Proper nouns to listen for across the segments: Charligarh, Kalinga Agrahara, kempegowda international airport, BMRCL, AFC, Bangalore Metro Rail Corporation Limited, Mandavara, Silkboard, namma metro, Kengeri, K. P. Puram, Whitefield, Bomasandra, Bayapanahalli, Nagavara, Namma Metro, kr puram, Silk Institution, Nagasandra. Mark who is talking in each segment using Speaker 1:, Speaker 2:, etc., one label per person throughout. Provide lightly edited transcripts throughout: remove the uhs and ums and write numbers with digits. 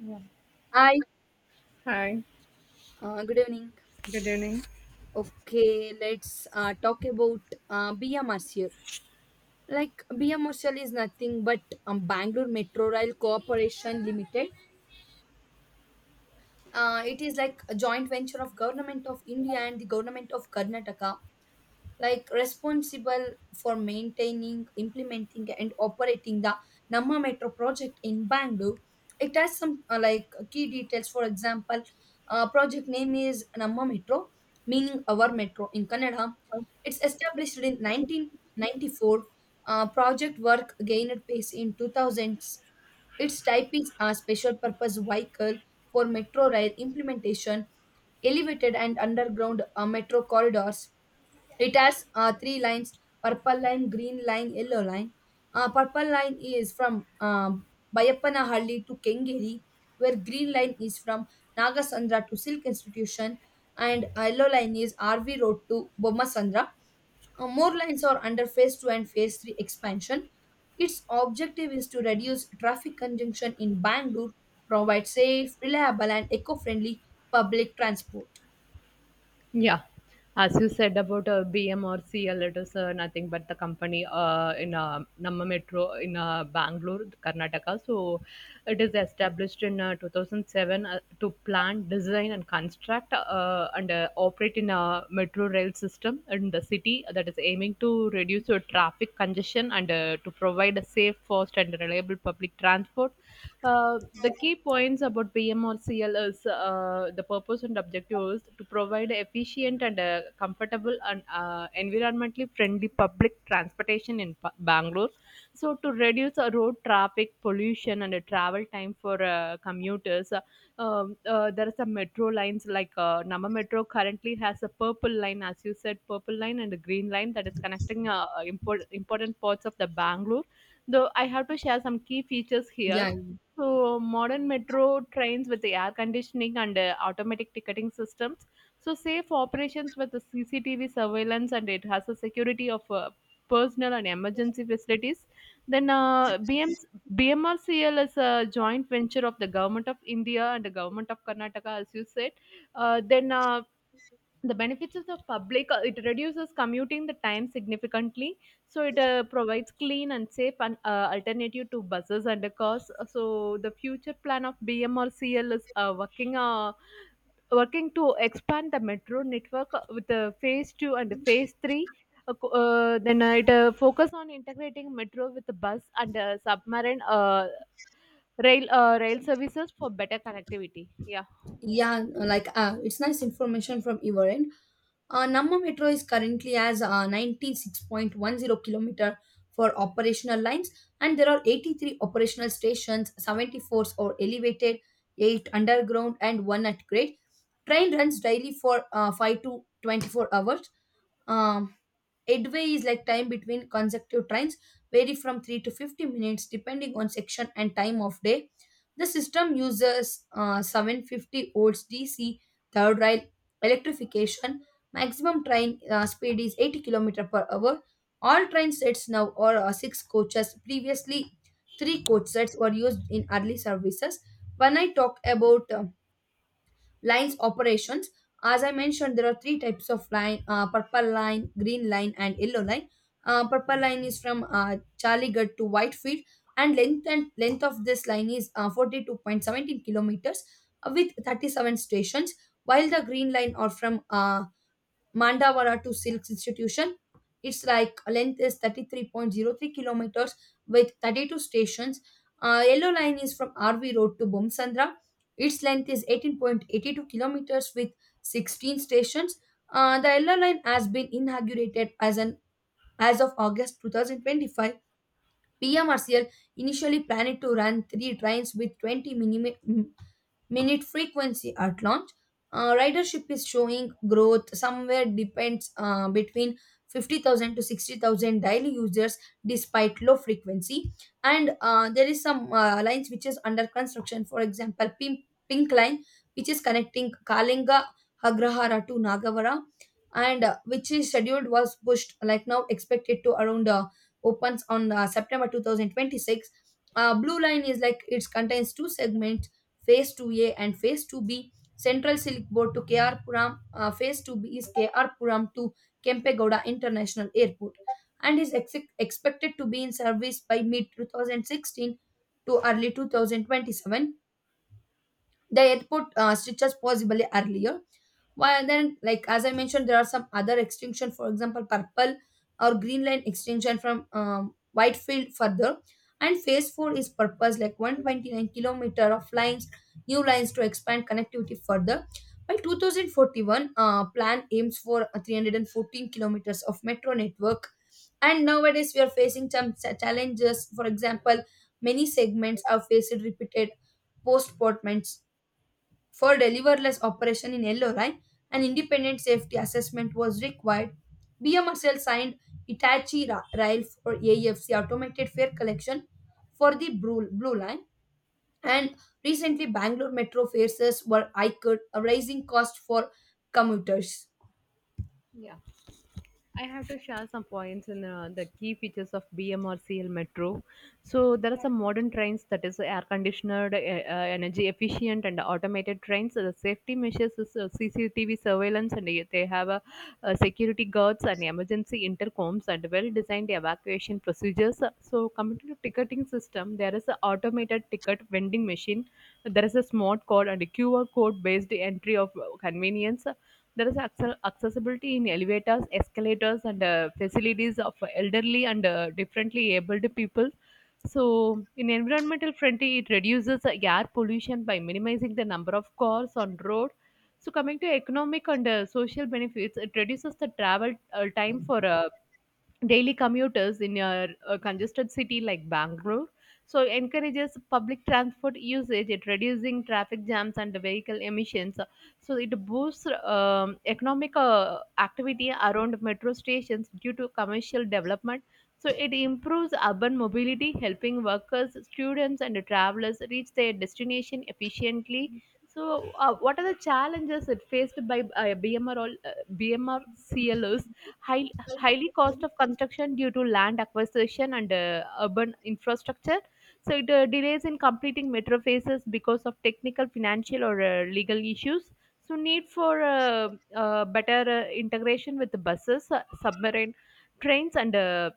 Speaker 1: Yeah.
Speaker 2: Hi,
Speaker 1: Hi,
Speaker 2: good evening.
Speaker 1: good evening.
Speaker 2: Okay, let's talk about BMRCL. Like BMRCL is nothing but Bangalore Metro Rail Corporation Limited. It is like a joint venture of Government of India and the Government of Karnataka, like responsible for maintaining, implementing and operating the namma metro project in Bangalore. It has some like key details. For example, project name is namma metro, meaning our metro in Kannada.
Speaker 1: Oh.
Speaker 2: It's established in 1994. Uh, project work gained pace in 2000s. Its type is a special purpose vehicle for metro rail implementation, elevated and underground metro corridors. It has three lines: purple line, green line, yellow line. Purple line is from Bayapanahalli to Kengeri, where green line is from Nagasandra to Silk Institution, and yellow line is RV Road to Bomasandra. More lines are under phase two and phase three expansion. Its objective is to reduce traffic congestion in Bangalore, provide safe, reliable, and eco-friendly public transport.
Speaker 1: Yeah, as you said about BM or CL, it is nothing but the company in Namma Metro in Bangalore, Karnataka. So it is established in 2007 to plan, design, and construct and operate in a metro rail system in the city that is aiming to reduce your traffic congestion and to provide a safe, fast, and reliable public transport. The key points about BMRCL is the purpose and objective is to provide efficient and comfortable and environmentally friendly public transportation in Bangalore. So to reduce road traffic pollution and travel time for commuters, there are some metro lines like Nama Metro currently has a purple line, as you said, purple line and a green line that is connecting important parts of the Bangalore. Though I have to share some key features here.
Speaker 2: Yeah,
Speaker 1: So modern metro trains with the air conditioning and automatic ticketing systems. So safe operations with the CCTV surveillance, and it has a security of personal and emergency facilities. Then B M BMRCL is a joint venture of the Government of India and the Government of Karnataka, as you said. Uh, then uh, the benefits of the public, it reduces commuting the time significantly. So it provides clean and safe and alternative to buses and the cars. So the future plan of BMRCL is working to expand the metro network with the phase two and the phase three. Co- then It focus on integrating metro with the bus and submarine rail services for better connectivity. Yeah.
Speaker 2: yeah, like it's nice information from your end. Namma Metro is currently as 96.10 kilometer for operational lines, and there are 83 operational stations, 74 are elevated, 8 underground, and 1 at grade. Train runs daily for 5 to 24 hours. Um Headway is like time between consecutive trains, vary from 3 to 50 minutes depending on section and time of day. The system uses 750 volts DC third rail electrification. Maximum train speed is 80 km per hour. All train sets now are six coaches. Previously, three coach sets were used in early services. When I talk about lines operations, as I mentioned, there are three types of line: purple line, green line, and yellow line. Purple line is from Charligarh to Whitefield, and length of this line is forty-two point seventeen kilometers, with 37 stations. While the green line are from Mandavara to Silk Institution. Its like length is 33.03 kilometers with 32 stations. Yellow line is from RV Road to Bomsandra. Its length is 18.82 kilometers with 16 stations. The yellow line has been inaugurated as an as of August 2025. PMRCL initially planned to run three trains with 20 minute frequency at launch. Ridership is showing growth, somewhere depends between 50,000 to 60,000 daily users despite low frequency. And there is some lines which is under construction. For example, Pink Line, which is connecting Kalinga, Agrahara to Nagavara, and which is scheduled, was pushed, like now expected to around opens on September 2026. Blue Line is like it contains two segments, phase 2a and phase 2b, central silk board to kr puram. Uh, phase 2b is kr puram to kempegowda international airport and is expected to be in service by mid 2016 to early 2027, the airport stretches possibly earlier. While then, like as I mentioned, there are some other extinction, for example, purple or green line extinction from Whitefield further. And phase four is purpose like 129 kilometer of lines, new lines to expand connectivity further. By 2041, plan aims for a 314 kilometers of metro network. And nowadays, we are facing some challenges. For example, many segments are faced repeated postponements for deliverless operation in LRI, an independent safety assessment was required. BMRCL signed Hitachi Rail for AFC automated fare collection for the Blue Line. And recently, Bangalore metro fares were hiked, raising cost for commuters.
Speaker 1: Yeah. I have to share some points in the key features of BMRCL Metro. So there are some modern trains that is air conditioned, energy efficient, and automated trains. So the safety measures is CCTV surveillance, and they have security guards and emergency intercoms and well-designed evacuation procedures. So coming to the ticketing system, there is an automated ticket vending machine. There is a smart code and a QR code based entry of convenience. There is accessibility in elevators, escalators, and facilities of elderly and differently abled people. So, in environmental friendly, it reduces air pollution by minimizing the number of cars on road. So, coming to economic and social benefits, it reduces the travel time for daily commuters in a congested city like Bangalore. So encourages public transport usage, it reducing traffic jams and vehicle emissions. So it boosts economic activity around metro stations due to commercial development. So it improves urban mobility, helping workers, students, and travelers reach their destination efficiently. So, what are the challenges it faced by BMR all BMR CLOs? Highly cost of construction due to land acquisition and urban infrastructure. So it delays in completing metro phases because of technical, financial, or legal issues. So need for better integration with the buses, submarine trains, and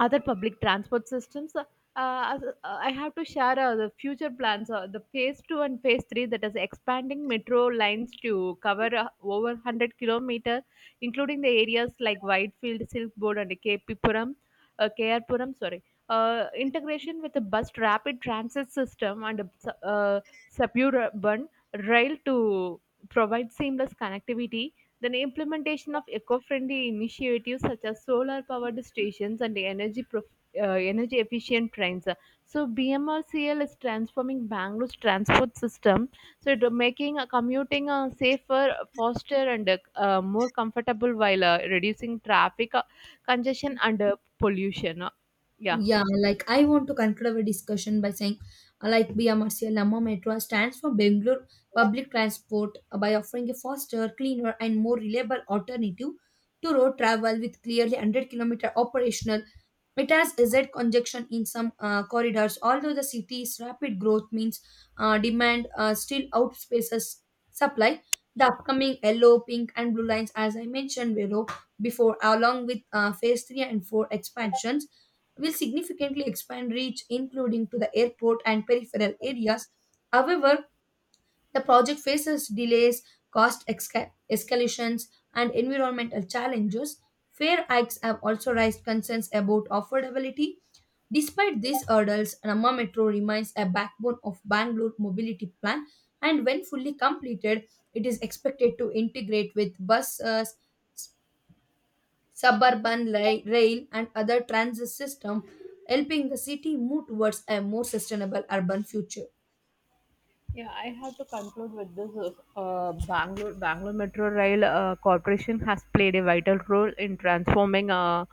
Speaker 1: other public transport systems. Uh, I have to share the future plans, the phase two and phase three that is expanding metro lines to cover over 100 kilometers, including the areas like Whitefield, Silkboard, and K. P. Puram, K R Puram. Sorry. Integration with the bus rapid transit system and uh, suburban rail to provide seamless connectivity. Then implementation of eco-friendly initiatives such as solar-powered stations and energy efficient trains. So BMRCL is transforming Bangalore's transport system. So it, making commuting safer, faster, and more comfortable while reducing traffic congestion and pollution. Yeah.
Speaker 2: Yeah, like I want to conclude our discussion by saying, like Bia Marcia Metro stands for Bangalore Public Transport by offering a faster, cleaner, and more reliable alternative to road travel. With clearly 100-kilometer operational, it has Z conjunction in some corridors, although the city's rapid growth means demand still outpaces supply. The upcoming yellow, pink, and blue lines, as I mentioned below before, along with phase 3 and 4 expansions, will significantly expand reach, including to the airport and peripheral areas. However, the project faces delays, escalations, and environmental challenges. Fair hikes have also raised concerns about affordability. Despite these hurdles, Ramma Metro remains a backbone of Bangalore mobility plan, and when fully completed, it is expected to integrate with buses, suburban rail and other transit system, helping the city move towards a more sustainable urban future.
Speaker 1: Yeah, I have to conclude with this. Bangalore Metro Rail Corporation has played a vital role in transforming uh,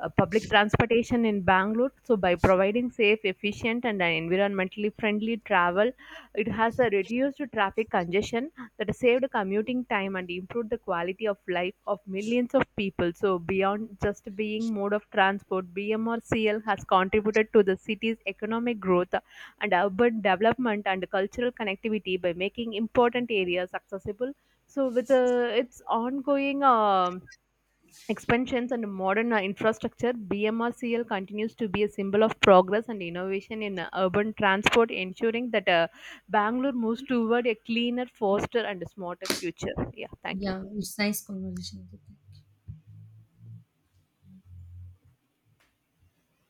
Speaker 1: uh, public transportation in Bangalore. So, by providing safe, efficient, and environmentally friendly travel, it has reduced traffic congestion that saved commuting time and improved the quality of life of millions of people. So, beyond just being mode of transport, BMRCL has contributed to the city's economic growth and urban development and cultural connectivity by making important areas accessible. So, with its ongoing expansions and modern infrastructure, BMRCL continues to be a symbol of progress and innovation in urban transport, ensuring that Bangalore moves toward a cleaner, faster, and smarter future. Yeah, thank you.
Speaker 2: Yeah, it's nice conversation with you.